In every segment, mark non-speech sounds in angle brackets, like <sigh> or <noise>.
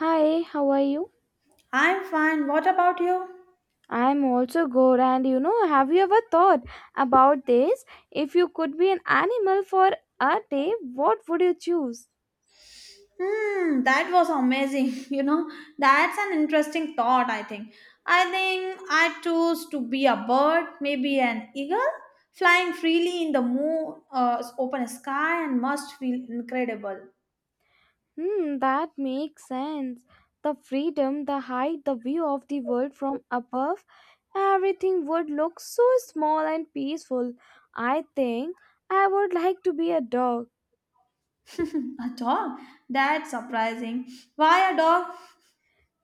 Hi, how are you? I'm fine. What about you? I'm also good, and have you ever thought about this? If you could be an animal for a day, what would you choose? Hmm, that was amazing. <laughs> That's an interesting thought, I think. I think I choose to be a bird, maybe an eagle, flying freely in the moon, open sky, and must feel incredible. Hmm, that makes sense. The freedom, the height, the view of the world from above, everything would look so small and peaceful. I think I would like to be a dog. <laughs> a dog? That's surprising. Why a dog?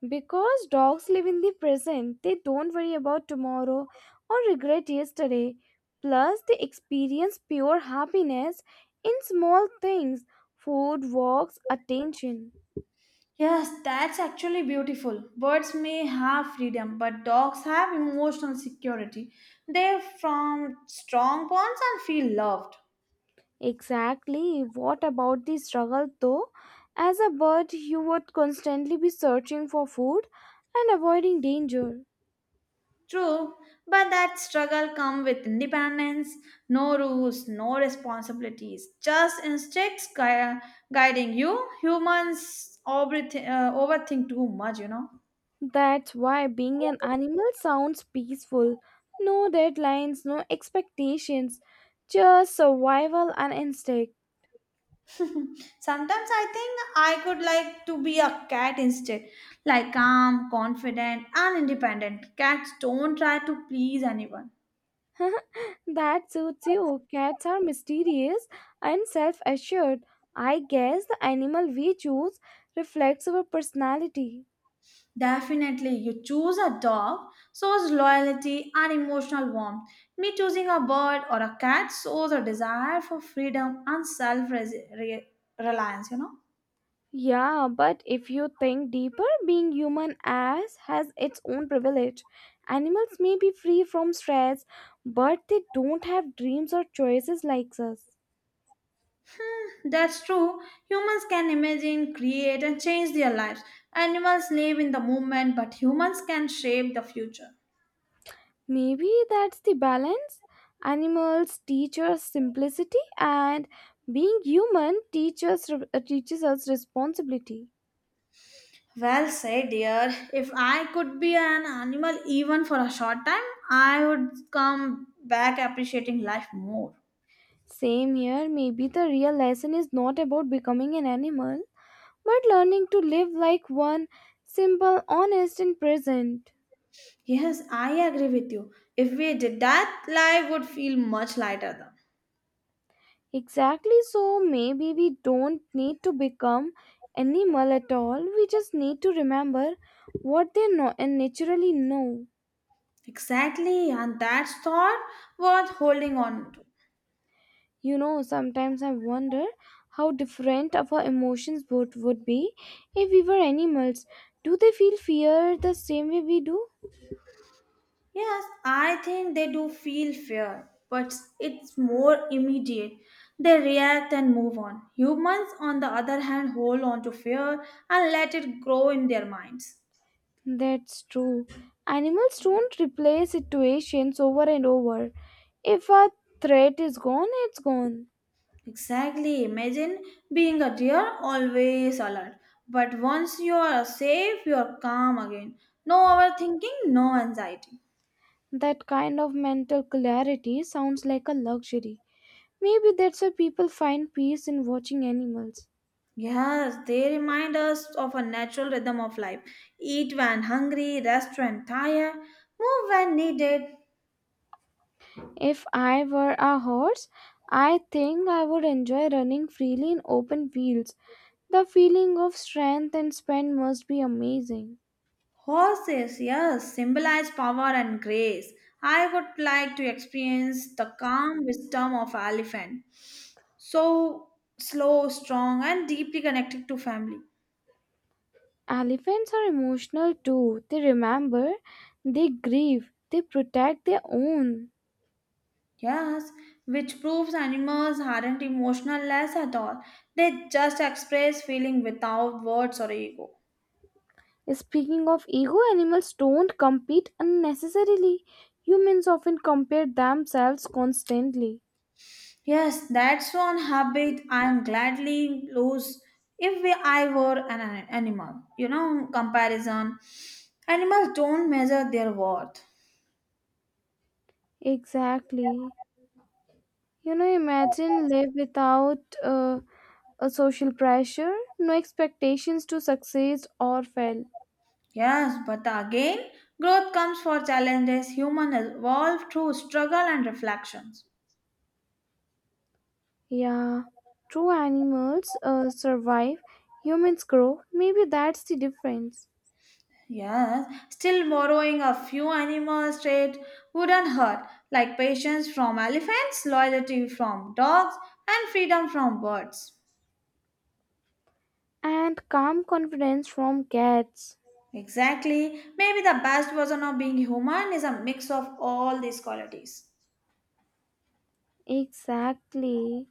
Because dogs live in the present, they don't worry about tomorrow or regret yesterday. Plus, they experience pure happiness in small things food, walks, attention. Yes, that's actually beautiful. Birds may have freedom, but dogs have emotional security. They're from strong bonds and feel loved. Exactly. What about the struggle though? As a bird, you would constantly be searching for food and avoiding danger. True, but that struggle comes with independence, no rules, no responsibilities, just guiding you. Humans overthink too much. That's why being an animal sounds peaceful. No deadlines, no expectations, just survival and instinct. Sometimes I think I could like to be a cat instead, like calm, confident, and independent. Cats don't try to please anyone. <laughs> That suits you. Cats are mysterious and self assured. I guess the animal we choose reflects our personality. Definitely, you choose a dog shows loyalty and emotional warmth. Me choosing a bird or a cat shows a desire for freedom and self reliance. Yeah, but if you think deeper, being human as has its own privilege. Animals may be free from stress, but they don't have dreams or choices like us. That's true. Humans can imagine, create, and change their lives. Animals live in the moment, but humans can shape the future. Maybe that's the balance. Animals teach us simplicity, and being human teaches us responsibility. Well said, dear. If I could be an animal even for a short time, I would come back appreciating life more. Same here. Maybe the real lesson is not about becoming an animal, but learning to live like one, simple, honest, and present. Yes, I agree with you. If we did that, life would feel much lighter though. Exactly. So maybe we don't need to become animal at all. We just need to remember what they know and naturally know. Exactly, and that's thought worth holding on to. Sometimes I wonder how different our emotions would be if we were animals. Do they feel fear the same way we do? Yes, I think they do feel fear, but it's more immediate. They react and move on. Humans, on the other hand, hold on to fear and let it grow in their minds. That's true. Animals don't replay situations over and over. If a threat is gone, it's gone. Exactly. Imagine being a deer always alert. But once you are safe, you are calm again. No overthinking, no anxiety. That kind of mental clarity sounds like a luxury. Maybe that's why people find peace in watching animals. Yes, they remind us of a natural rhythm of life. Eat when hungry, rest when tired, move when needed. If I were a horse, I think I would enjoy running freely in open fields. The feeling of strength and spend must be amazing. Horses, yes, symbolize power and grace. I would like to experience the calm wisdom of elephant. So slow, strong, and deeply connected to family. Elephants are emotional too. They remember, they grieve, they protect their own. Yes, which proves animals aren't emotionless at all. They just express feeling without words or ego. Speaking of ego, animals don't compete unnecessarily. Humans often compare themselves constantly. Yes, that's one habit I'm gladly lose if I were an animal. Comparison. Animals don't measure their worth. Exactly. Imagine live without a social pressure, no expectations to succeed or fail. Yes, but again, growth comes for challenges. Human evolve through struggle and reflections. Yeah, true animals survive, humans grow. Maybe that's the difference. Yes, still borrowing a few animals trait wouldn't hurt, like patience from elephants, loyalty from dogs, and freedom from birds. And calm confidence from cats. Exactly. Maybe the best version of being human is a mix of all these qualities. Exactly.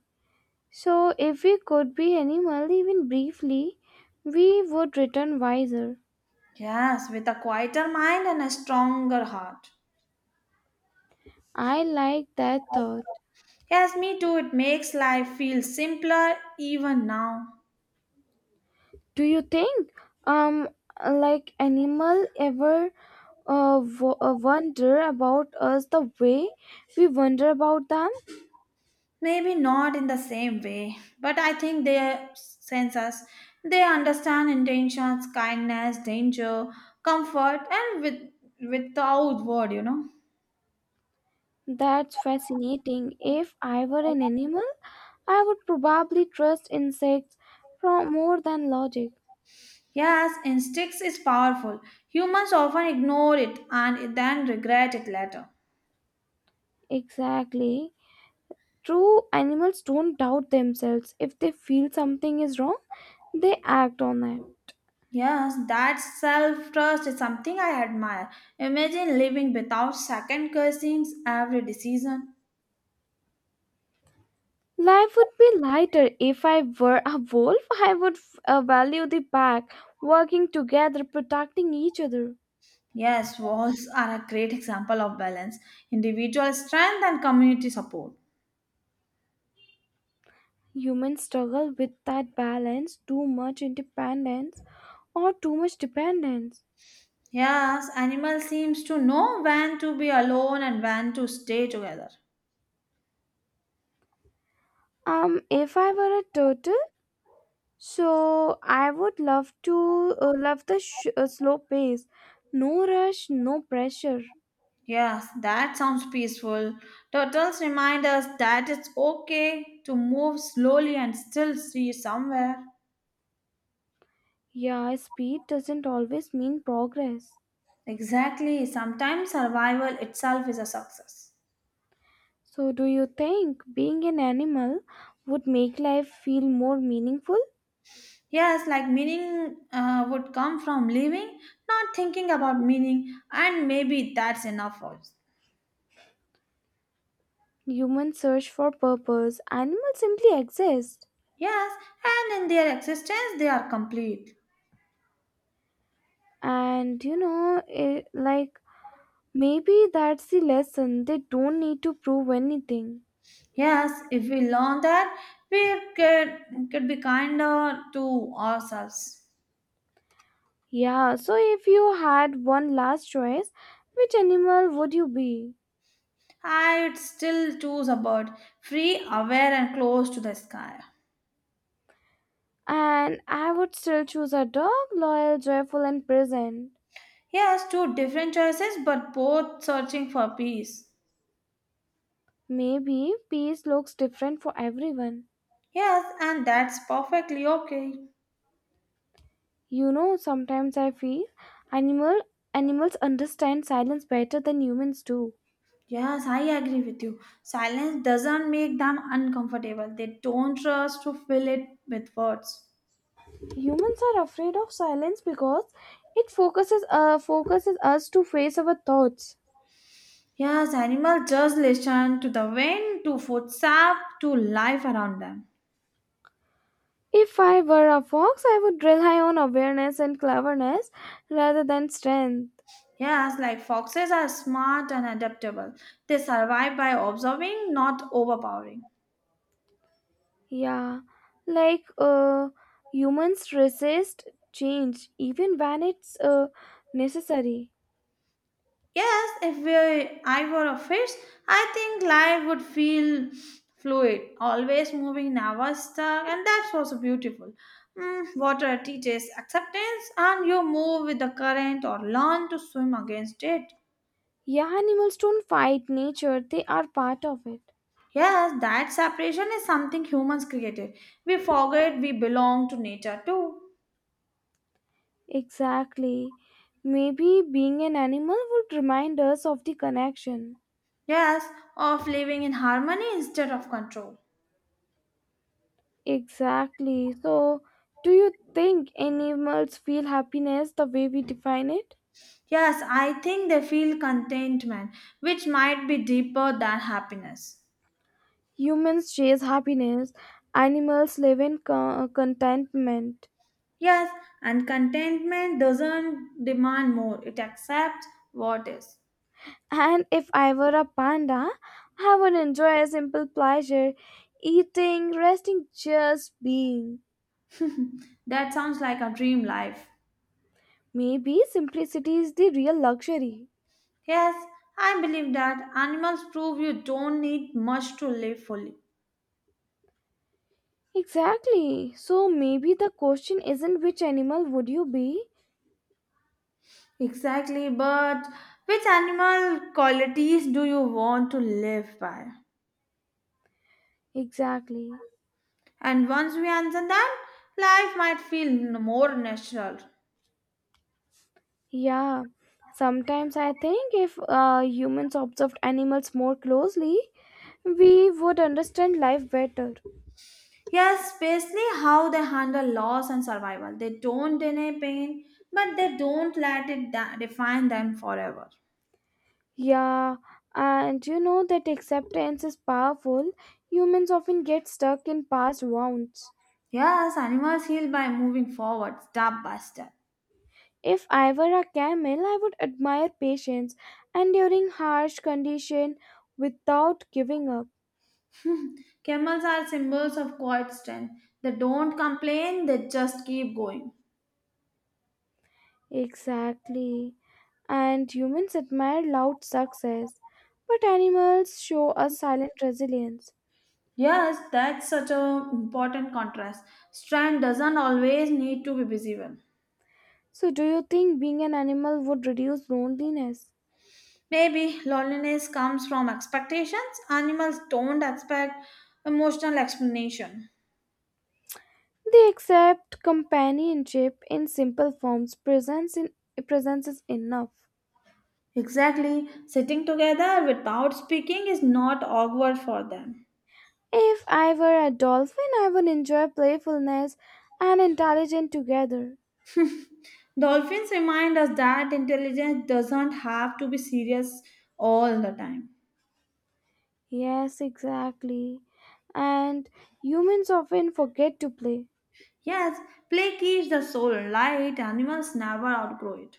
So, if we could be animal even briefly, we would return wiser. Yes, with a quieter mind and a stronger heart. I like that thought. Yes, me too. It makes life feel simpler even now. Do you think, um, like animal ever wonder about us the way we wonder about them? Maybe not in the same way, but I think they sense us. They understand intentions, kindness, danger, comfort, and with, without word. That's fascinating. If I were an animal, I would probably trust insects from more than logic. Yes, instincts is powerful. Humans often ignore it and then regret it later. Exactly. True animals don't doubt themselves. If they feel something is wrong, they act on it. Yes, that self trust is something I admire. Imagine living without second guessing every decision. Life would be lighter if I were a wolf. I would value the pack, working together, protecting each other. Yes, <laughs> walls are a great example of balance, individual strength, and community support. Humans struggle with that balance, too much independence or too much dependence. Yes, animal seems to know when to be alone and when to stay together. If I were a turtle, so I would love the slow pace, no rush, no pressure. Yes, that sounds peaceful. Turtles remind us that it's okay to move slowly and still see somewhere. Yeah, speed doesn't always mean progress. Exactly, sometimes survival itself is a success. So, do you think being an animal would make life feel more meaningful? Yes, like meaning would come from living, not thinking about meaning, and maybe that's enough for us. Humans search for purpose, animals simply exist. Yes, and in their existence, they are complete. And like maybe that's the lesson. They don't need to prove anything. Yes, if we learn that, could be kinder to ourselves. Yeah, so if you had one last choice, which animal would you be? I'd still choose a bird, free, aware, and close to the sky. And I would still choose a dog, loyal, joyful, and present. Yes, two different choices, but both searching for peace. Maybe peace looks different for everyone. Yes, and that's perfectly okay. Sometimes I feel animal animals understand silence better than humans do. Yes, I agree with you. Silence doesn't make them uncomfortable. They don't trust to fill it with words. Humans are afraid of silence because it focuses us to face our thoughts. Yes, animals just listen to the wind, to footsteps, to life around them. If I were a fox, I would rely on awareness and cleverness rather than strength. Yes, like foxes are smart and adaptable. They survive by observing, not overpowering. Yeah, like humans resist change even when it's necessary. Yes, if I were a fish, I think life would feel fluid, always moving, never stuck, and that's also beautiful. Mm, water teaches acceptance, and you move with the current or learn to swim against it. Yeah, animals don't fight nature; they are part of it. Yes, that separation is something humans created. We forget we belong to nature too. Exactly. Maybe being an animal would remind us of the connection. Yes, of living in harmony instead of control. Exactly. So, do you think animals feel happiness the way we define it? Yes, I think they feel contentment, which might be deeper than happiness. Humans chase happiness, animals live in contentment. Yes, and contentment doesn't demand more, it accepts what is. And if I were a panda, I would enjoy a simple pleasure eating, resting, just being. That sounds like a dream life. Maybe simplicity is the real luxury. Yes, I believe that animals prove you don't need much to live fully. Exactly. So maybe the question isn't which animal would you be? Exactly, but which animal qualities do you want to live by? Exactly. And once we answer that, life might feel more natural. Yeah. Sometimes I think if humans observed animals more closely, we would understand life better. Yes, basically how they handle loss and survival. They don't deny pain, but they don't let it define them forever. Yeah. And you know that acceptance is powerful. Humans often get stuck in past wounds. Yes, animals heal by moving forward step by step. If I were a camel, I would admire patience, and during harsh condition without giving up. Camels are symbols of quiet strength. They don't complain, they just keep going. Exactly. And humans admire loud success, but animals show a silent resilience. Yes, that's such an important contrast. Strength doesn't always need to be visible. So, do you think being an animal would reduce loneliness? Maybe loneliness comes from expectations. Animals don't expect emotional explanation. They accept companionship in simple forms. Presence in presence is enough. Exactly. Sitting together without speaking is not awkward for them. If I were a dolphin, I would enjoy playfulness and intelligence together. Dolphins remind us that intelligence doesn't have to be serious all the time. Yes, exactly. And humans often forget to play. Yes, play keeps the soul light. Animals never outgrow it.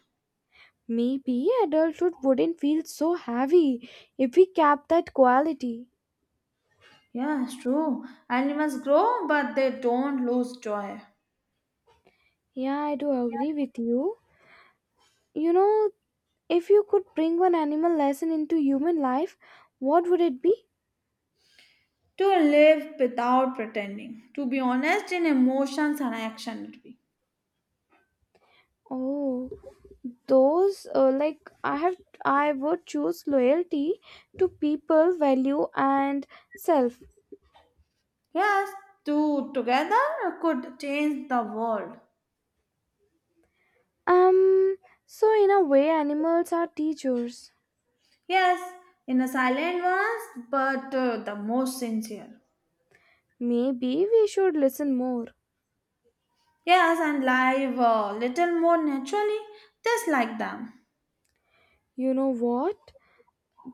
Maybe adulthood wouldn't feel so heavy if we kept that quality. Yes, true. Animals grow, but they don't lose joy. Yeah, I do agree with you. You know, if you could bring one animal lesson into human life, what would it be? To live without pretending, to be honest in emotions and action. Would be. Oh, those like I would choose loyalty to people, value and self. Yes, two together could change the world. Um, so in a way animals are teachers. Yes, in a silent voice, but the most sincere. Maybe we should listen more. Yes, and live a little more naturally, just like them. You know what?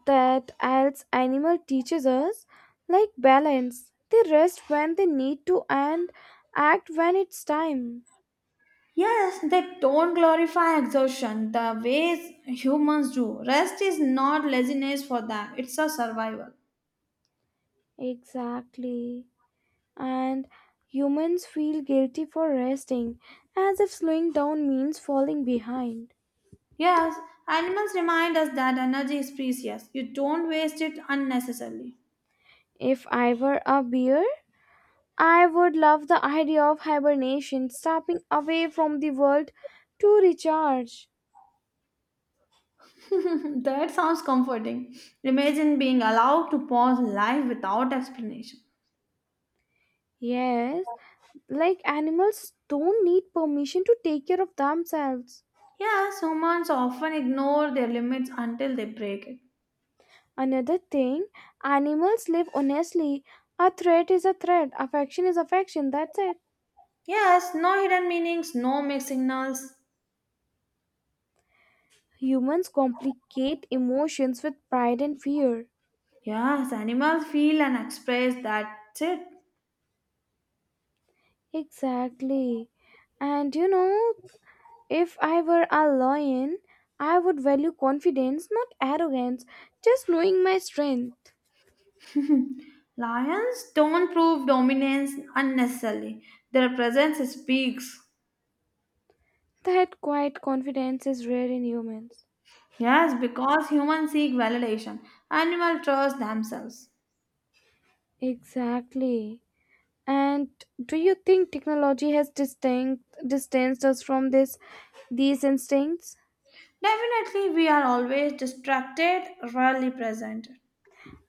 That else animal teaches us, like, balance. They rest when they need to and act when it's time. Yes, they don't glorify exhaustion the ways humans do. Rest is not laziness for them, it's a survival. Exactly. And humans feel guilty for resting, as if slowing down means falling behind. Yes, animals remind us that energy is precious. You don't waste it unnecessarily. If I were a bear, I would love the idea of hibernation, stepping away from the world to recharge. <laughs> that sounds comforting. Imagine being allowed to pause life without explanation. Yes, like animals don't need permission to take care of themselves. Yes, humans often ignore their limits until they break it. Another thing, animals live honestly. A threat is a threat, affection is affection, that's it. Yes, no hidden meanings, no mixed signals. Humans complicate emotions with pride and fear. Yes, animals feel and express that's it. Exactly. And if I were a lion, I would value confidence, not arrogance, just knowing my strength. Lions don't prove dominance unnecessarily. Their presence speaks. That quiet confidence is rare in humans. Yes, because humans seek validation, animals trust themselves. Exactly. And do you think technology has distanced us from these instincts? Definitely, we are always distracted, rarely present.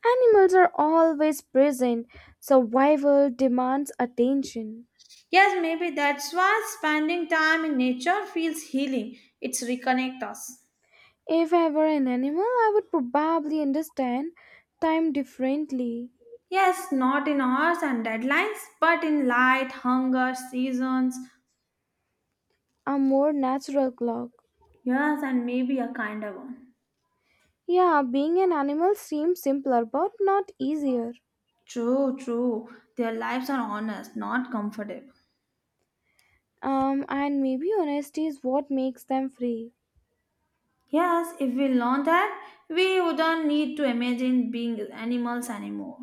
Animals are always present. Survival demands attention. Yes, maybe that's why spending time in nature feels healing. It's reconnect us. If I were an animal, I would probably understand time differently, Yes, not in hours and deadlines, but in light, hunger, seasons. a more natural clock. Yes, and maybe a kinder one. Yeah, being an animal seems simpler but not easier. True, true. Their lives are honest, not comfortable. And maybe honesty is what makes them free. Yes, if we learn that, we wouldn't need to imagine being animals anymore.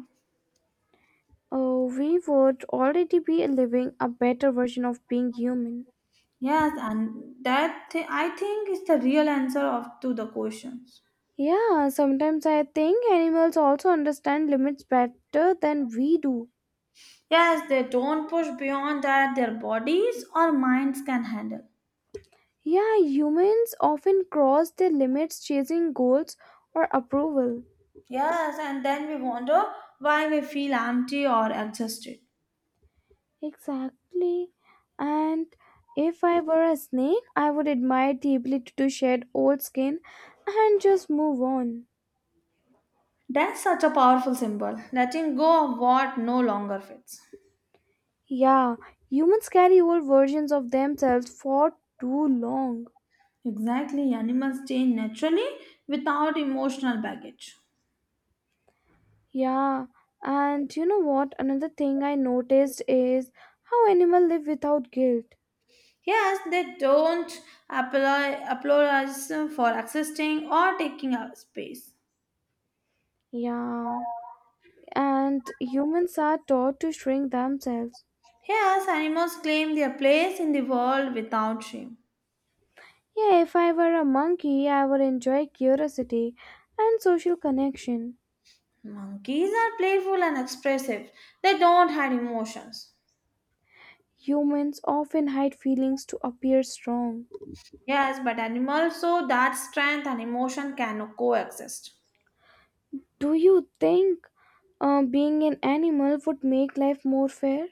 Oh, we would already be living a better version of being human. Yes, and that I think is the real answer of to the questions. Yeah, sometimes I think animals also understand limits better than we do. Yes, they don't push beyond that their bodies or minds can handle. Yeah, humans often cross their limits chasing goals or approval. Yes, and then we wonder why we feel empty or exhausted. Exactly. And if I were a snake, I would admire the ability to shed old skin and just move on. That's such a powerful symbol, letting go of what no longer fits. Yeah, humans carry old versions of themselves for too long. Exactly, animals change naturally without emotional baggage. Yeah, and you know what? Another thing I noticed is how animals live without guilt. Yes, they don't apply applause for existing or taking up space. Yeah, and humans are taught to shrink themselves. Yes, animals claim their place in the world without shame. Yeah, if I were a monkey, I would enjoy curiosity and social connection. Monkeys are playful and expressive. They don't hide emotions. Humans often hide feelings to appear strong. Yes, but animals show that strength and emotion can coexist. Do you think being an animal would make life more fair?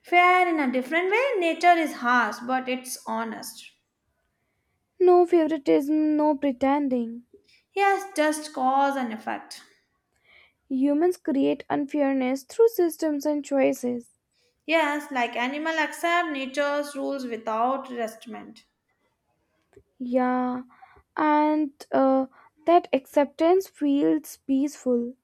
Fair in a different way, nature is harsh, but it's honest. No favoritism, no pretending. Yes, just cause and effect. Humans create unfairness through systems and choices. Yes, like animal accept nature's rules without resentment. Yeah, and that acceptance feels peaceful.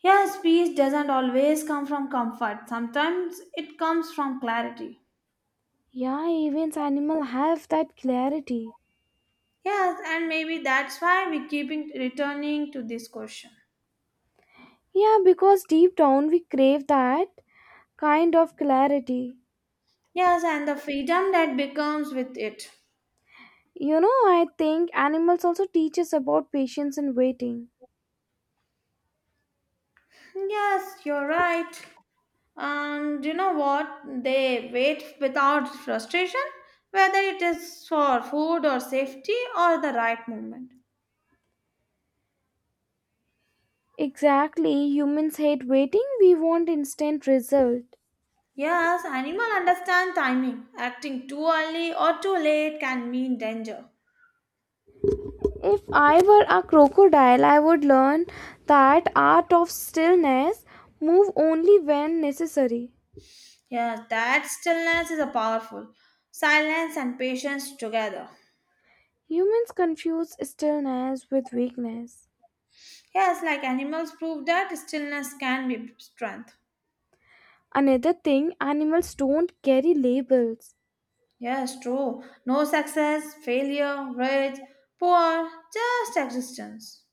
Yes, peace doesn't always come from comfort. Sometimes it comes from clarity. Yeah, even animals have that clarity. Yes, and maybe that's why we keep returning to this question. Yeah, because deep down we crave that kind of clarity. Yes, and the freedom that becomes with it. I think animals also teach us about patience and waiting. Yes, you're right. And you know what? They wait without frustration, whether it is for food or safety or the right moment. Exactly, humans hate waiting, we want instant result. Yes, animal understand timing. Acting too early or too late can mean danger. If I were a crocodile, I would learn that art of stillness, move only when necessary. Yes, that stillness is a powerful. Silence and patience together. Humans confuse stillness with weakness. Yes, like animals prove that stillness can be strength. Another thing, animals don't carry labels. Yes, true. No success, failure, rich, poor, just existence.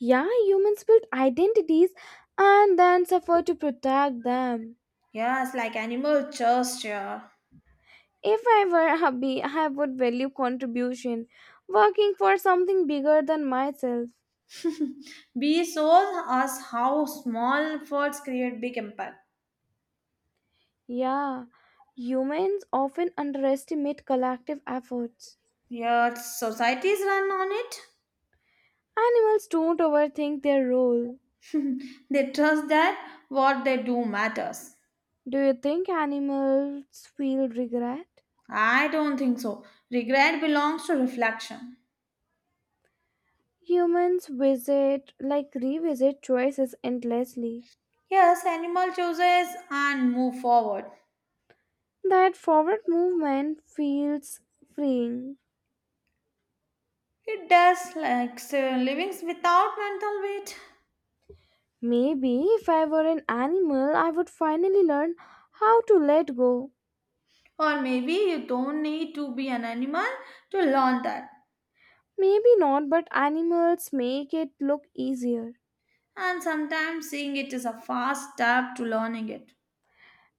Yeah, humans build identities and then suffer to protect them. Yes, like animal just here. If I were a bee, I would value contribution, working for something bigger than myself. Bees shows us how small efforts create big impact. Yeah, humans often underestimate collective efforts. Yet societies run on it. Animals don't overthink their role. They trust that what they do matters. Do you think animals feel regret? I don't think so. Regret belongs to reflection. Humans like revisit choices endlessly. Yes, animal chooses and move forward. That forward movement feels freeing. It does like so living without mental weight. Maybe if I were an animal, I would finally learn how to let go. Or maybe you don't need to be an animal to learn that. Maybe not, but animals make it look easier. And sometimes seeing it is a fast step to learning it.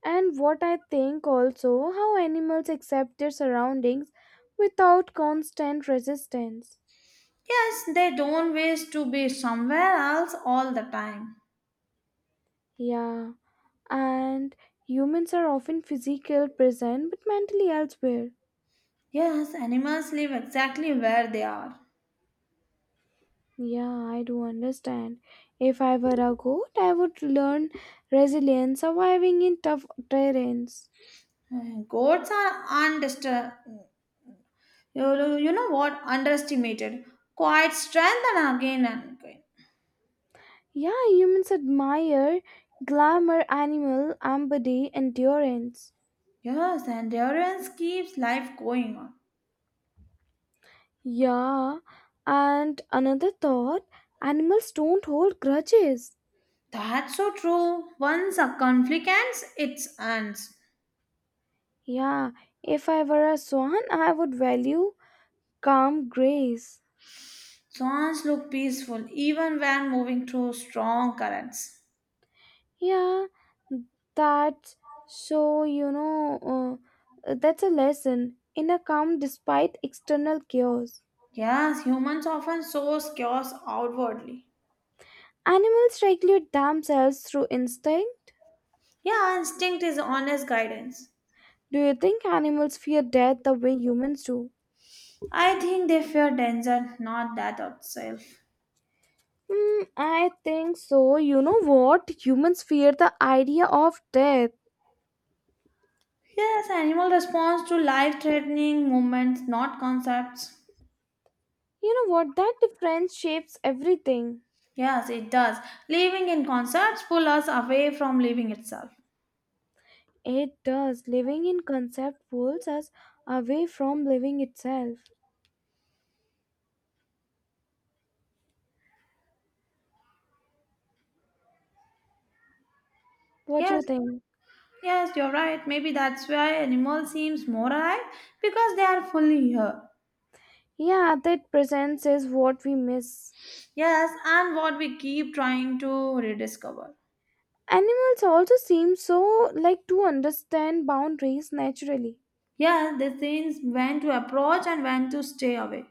And what I think also how animals accept their surroundings without constant resistance. Yes, they don't wish to be somewhere else all the time. Yeah, and humans are often physical present but mentally elsewhere. Yes, animals live exactly where they are. Yeah, I do understand. If I were a goat, I would learn resilience, surviving in tough terrains. Goats are undisturbed. You know what? Underestimated. Quite strength and again and again. Yeah, humans admire glamour, animal, empathy, endurance. Yes, endurance keeps life going on. Yeah, and another thought animals don't hold grudges. That's so true. Once a conflict ends, it ends. Yeah, if I were a swan, I would value calm grace. Swans look peaceful even when moving through strong currents. Yeah, that's so, you know, that's a lesson in a calm despite external chaos. Yes, humans often source chaos outwardly. Animals regulate themselves through instinct. Yeah, instinct is honest guidance. Do you think animals fear death the way humans do? I think they fear danger, not that itself. I think so. You know what? Humans fear the idea of death. Yes, animal responds to life threatening moments, not concepts. You know what? That difference shapes everything. Yes, it does. Living in concerts pull us away from living itself. It does. Living in concept pulls us away from living itself. What do you Yes, think? yes, you're right. Maybe that's why animal seems more alive because they are fully here. Yeah, that presence is what we miss. Yes, and what we keep trying to rediscover. Animals also seem so like to understand boundaries naturally. Yes, they things when to approach and when to stay away.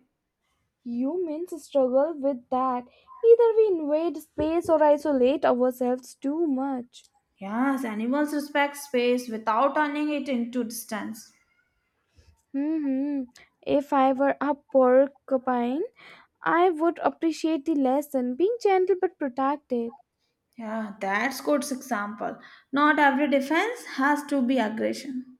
Humans struggle with that. Either we invade space or isolate ourselves too much. Yes, animals respect space without turning it into distance. hmm If I were a porcupine, I would appreciate the lesson being gentle but protective. Yeah, that's good example. Not every defense has to be aggression.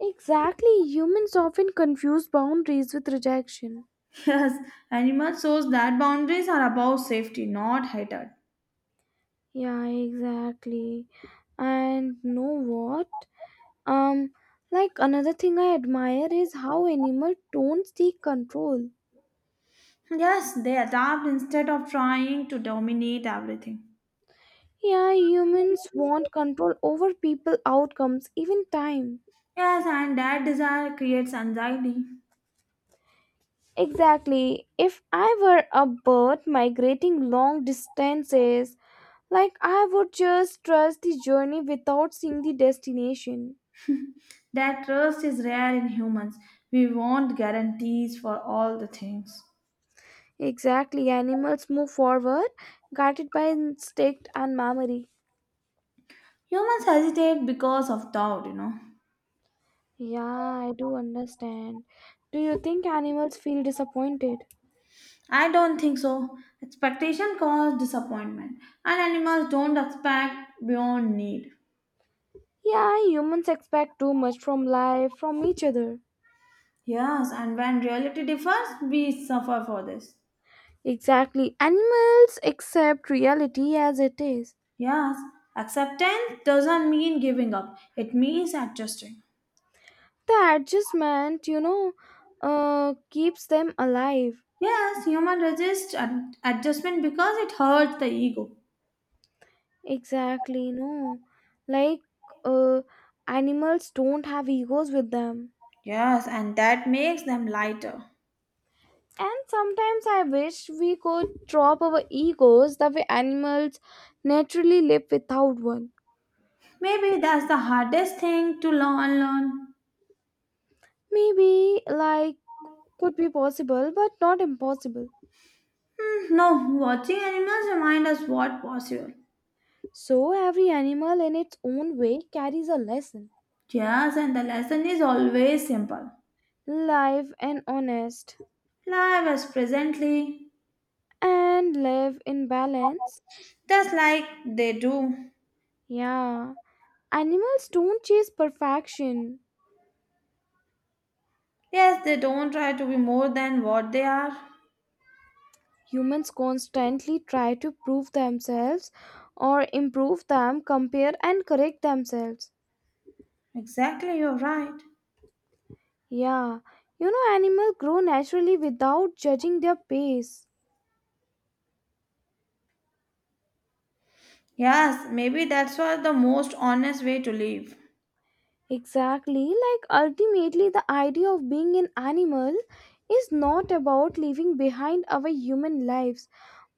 Exactly, humans often confuse boundaries with rejection. Yes, animal shows that boundaries are about safety, not hatred. Yeah, exactly. And know what? Um, like another thing I admire is how animals don't seek control. Yes, they adapt instead of trying to dominate everything. Yeah, humans want control over people outcomes, even time. Yes, and that desire creates anxiety. Exactly. If I were a bird migrating long distances, like I would just trust the journey without seeing the destination. That trust is rare in humans. We want guarantees for all the things. Exactly. Animals move forward, guided by instinct and memory. Humans hesitate because of doubt. Yeah, I do understand. Do you think animals feel disappointed? I don't think so. Expectation causes disappointment, and animals don't expect beyond need. Yeah, humans expect too much from life, from each other. Yes, and when reality differs, we suffer for this. Exactly. Animals accept reality as it is. Yes, acceptance doesn't mean giving up, it means adjusting. The adjustment keeps them alive. Yes, human resist adjustment because it hurts the ego. Exactly. No, like uh animals don't have egos with them. Yes, and that makes them lighter. And sometimes I wish we could drop our egos the way animals naturally live without one. Maybe that's the hardest thing to learn. Unlearn. Maybe, like, could be possible but not impossible. No, watching animals remind us what possible. So every animal in its own way carries a lesson. Yes, and the lesson is always simple. Live and honest. Live as presently, And live in balance. just like they do. Yeah. Animals don't chase perfection. Yes, they don't try to be more than what they are. Humans constantly try to prove themselves or improve them, compare and correct themselves. Exactly, you're right. Yeah, animals grow naturally without judging their pace. Yes, maybe that's why the most honest way to live. Exactly, like ultimately, the idea of being an animal is not about leaving behind our human lives,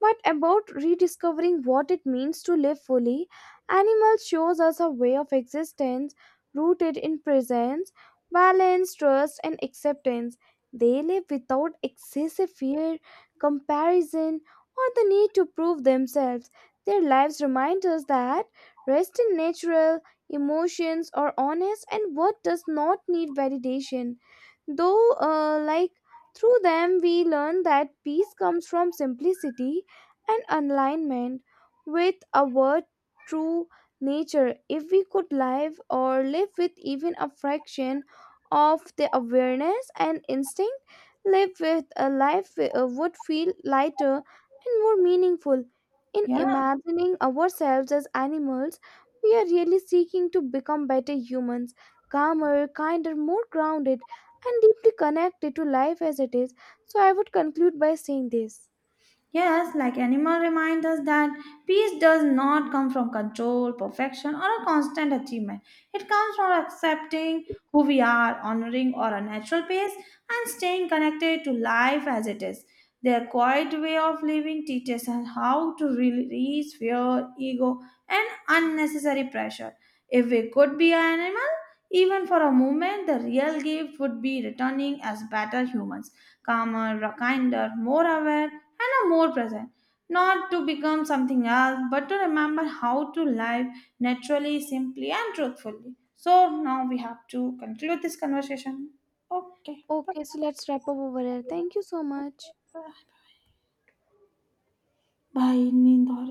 but about rediscovering what it means to live fully. Animals shows us a way of existence rooted in presence, balance, trust, and acceptance. They live without excessive fear, comparison, or the need to prove themselves. Their lives remind us that rest is natural, emotions are honest, and what does not need validation. Though, like through them, we learn that peace comes from simplicity and alignment with our true nature. If we could live with even a fraction of the awareness and instinct, live with a life would feel lighter and more meaningful. In Yeah, imagining ourselves as animals, we are really seeking to become better humans, calmer, kinder, more grounded and deeply connected to life as it is. So I would conclude by saying this. yes, like animal reminds us that peace does not come from control, perfection, or a constant achievement. It comes from accepting who we are, honoring our natural pace, and staying connected to life as it is. Their quiet way of living teaches us how to really release fear, ego, and unnecessary pressure. If we could be an animal, even for a moment, the real gift would be returning as better humans calmer, kinder, more aware, and are more present. Not to become something else, but to remember how to live naturally, simply, and truthfully. So now we have to conclude this conversation. Okay. Bye. Okay, so let's wrap up over here. Thank you so Bye. much. Bye. Bye. Bye. Bye.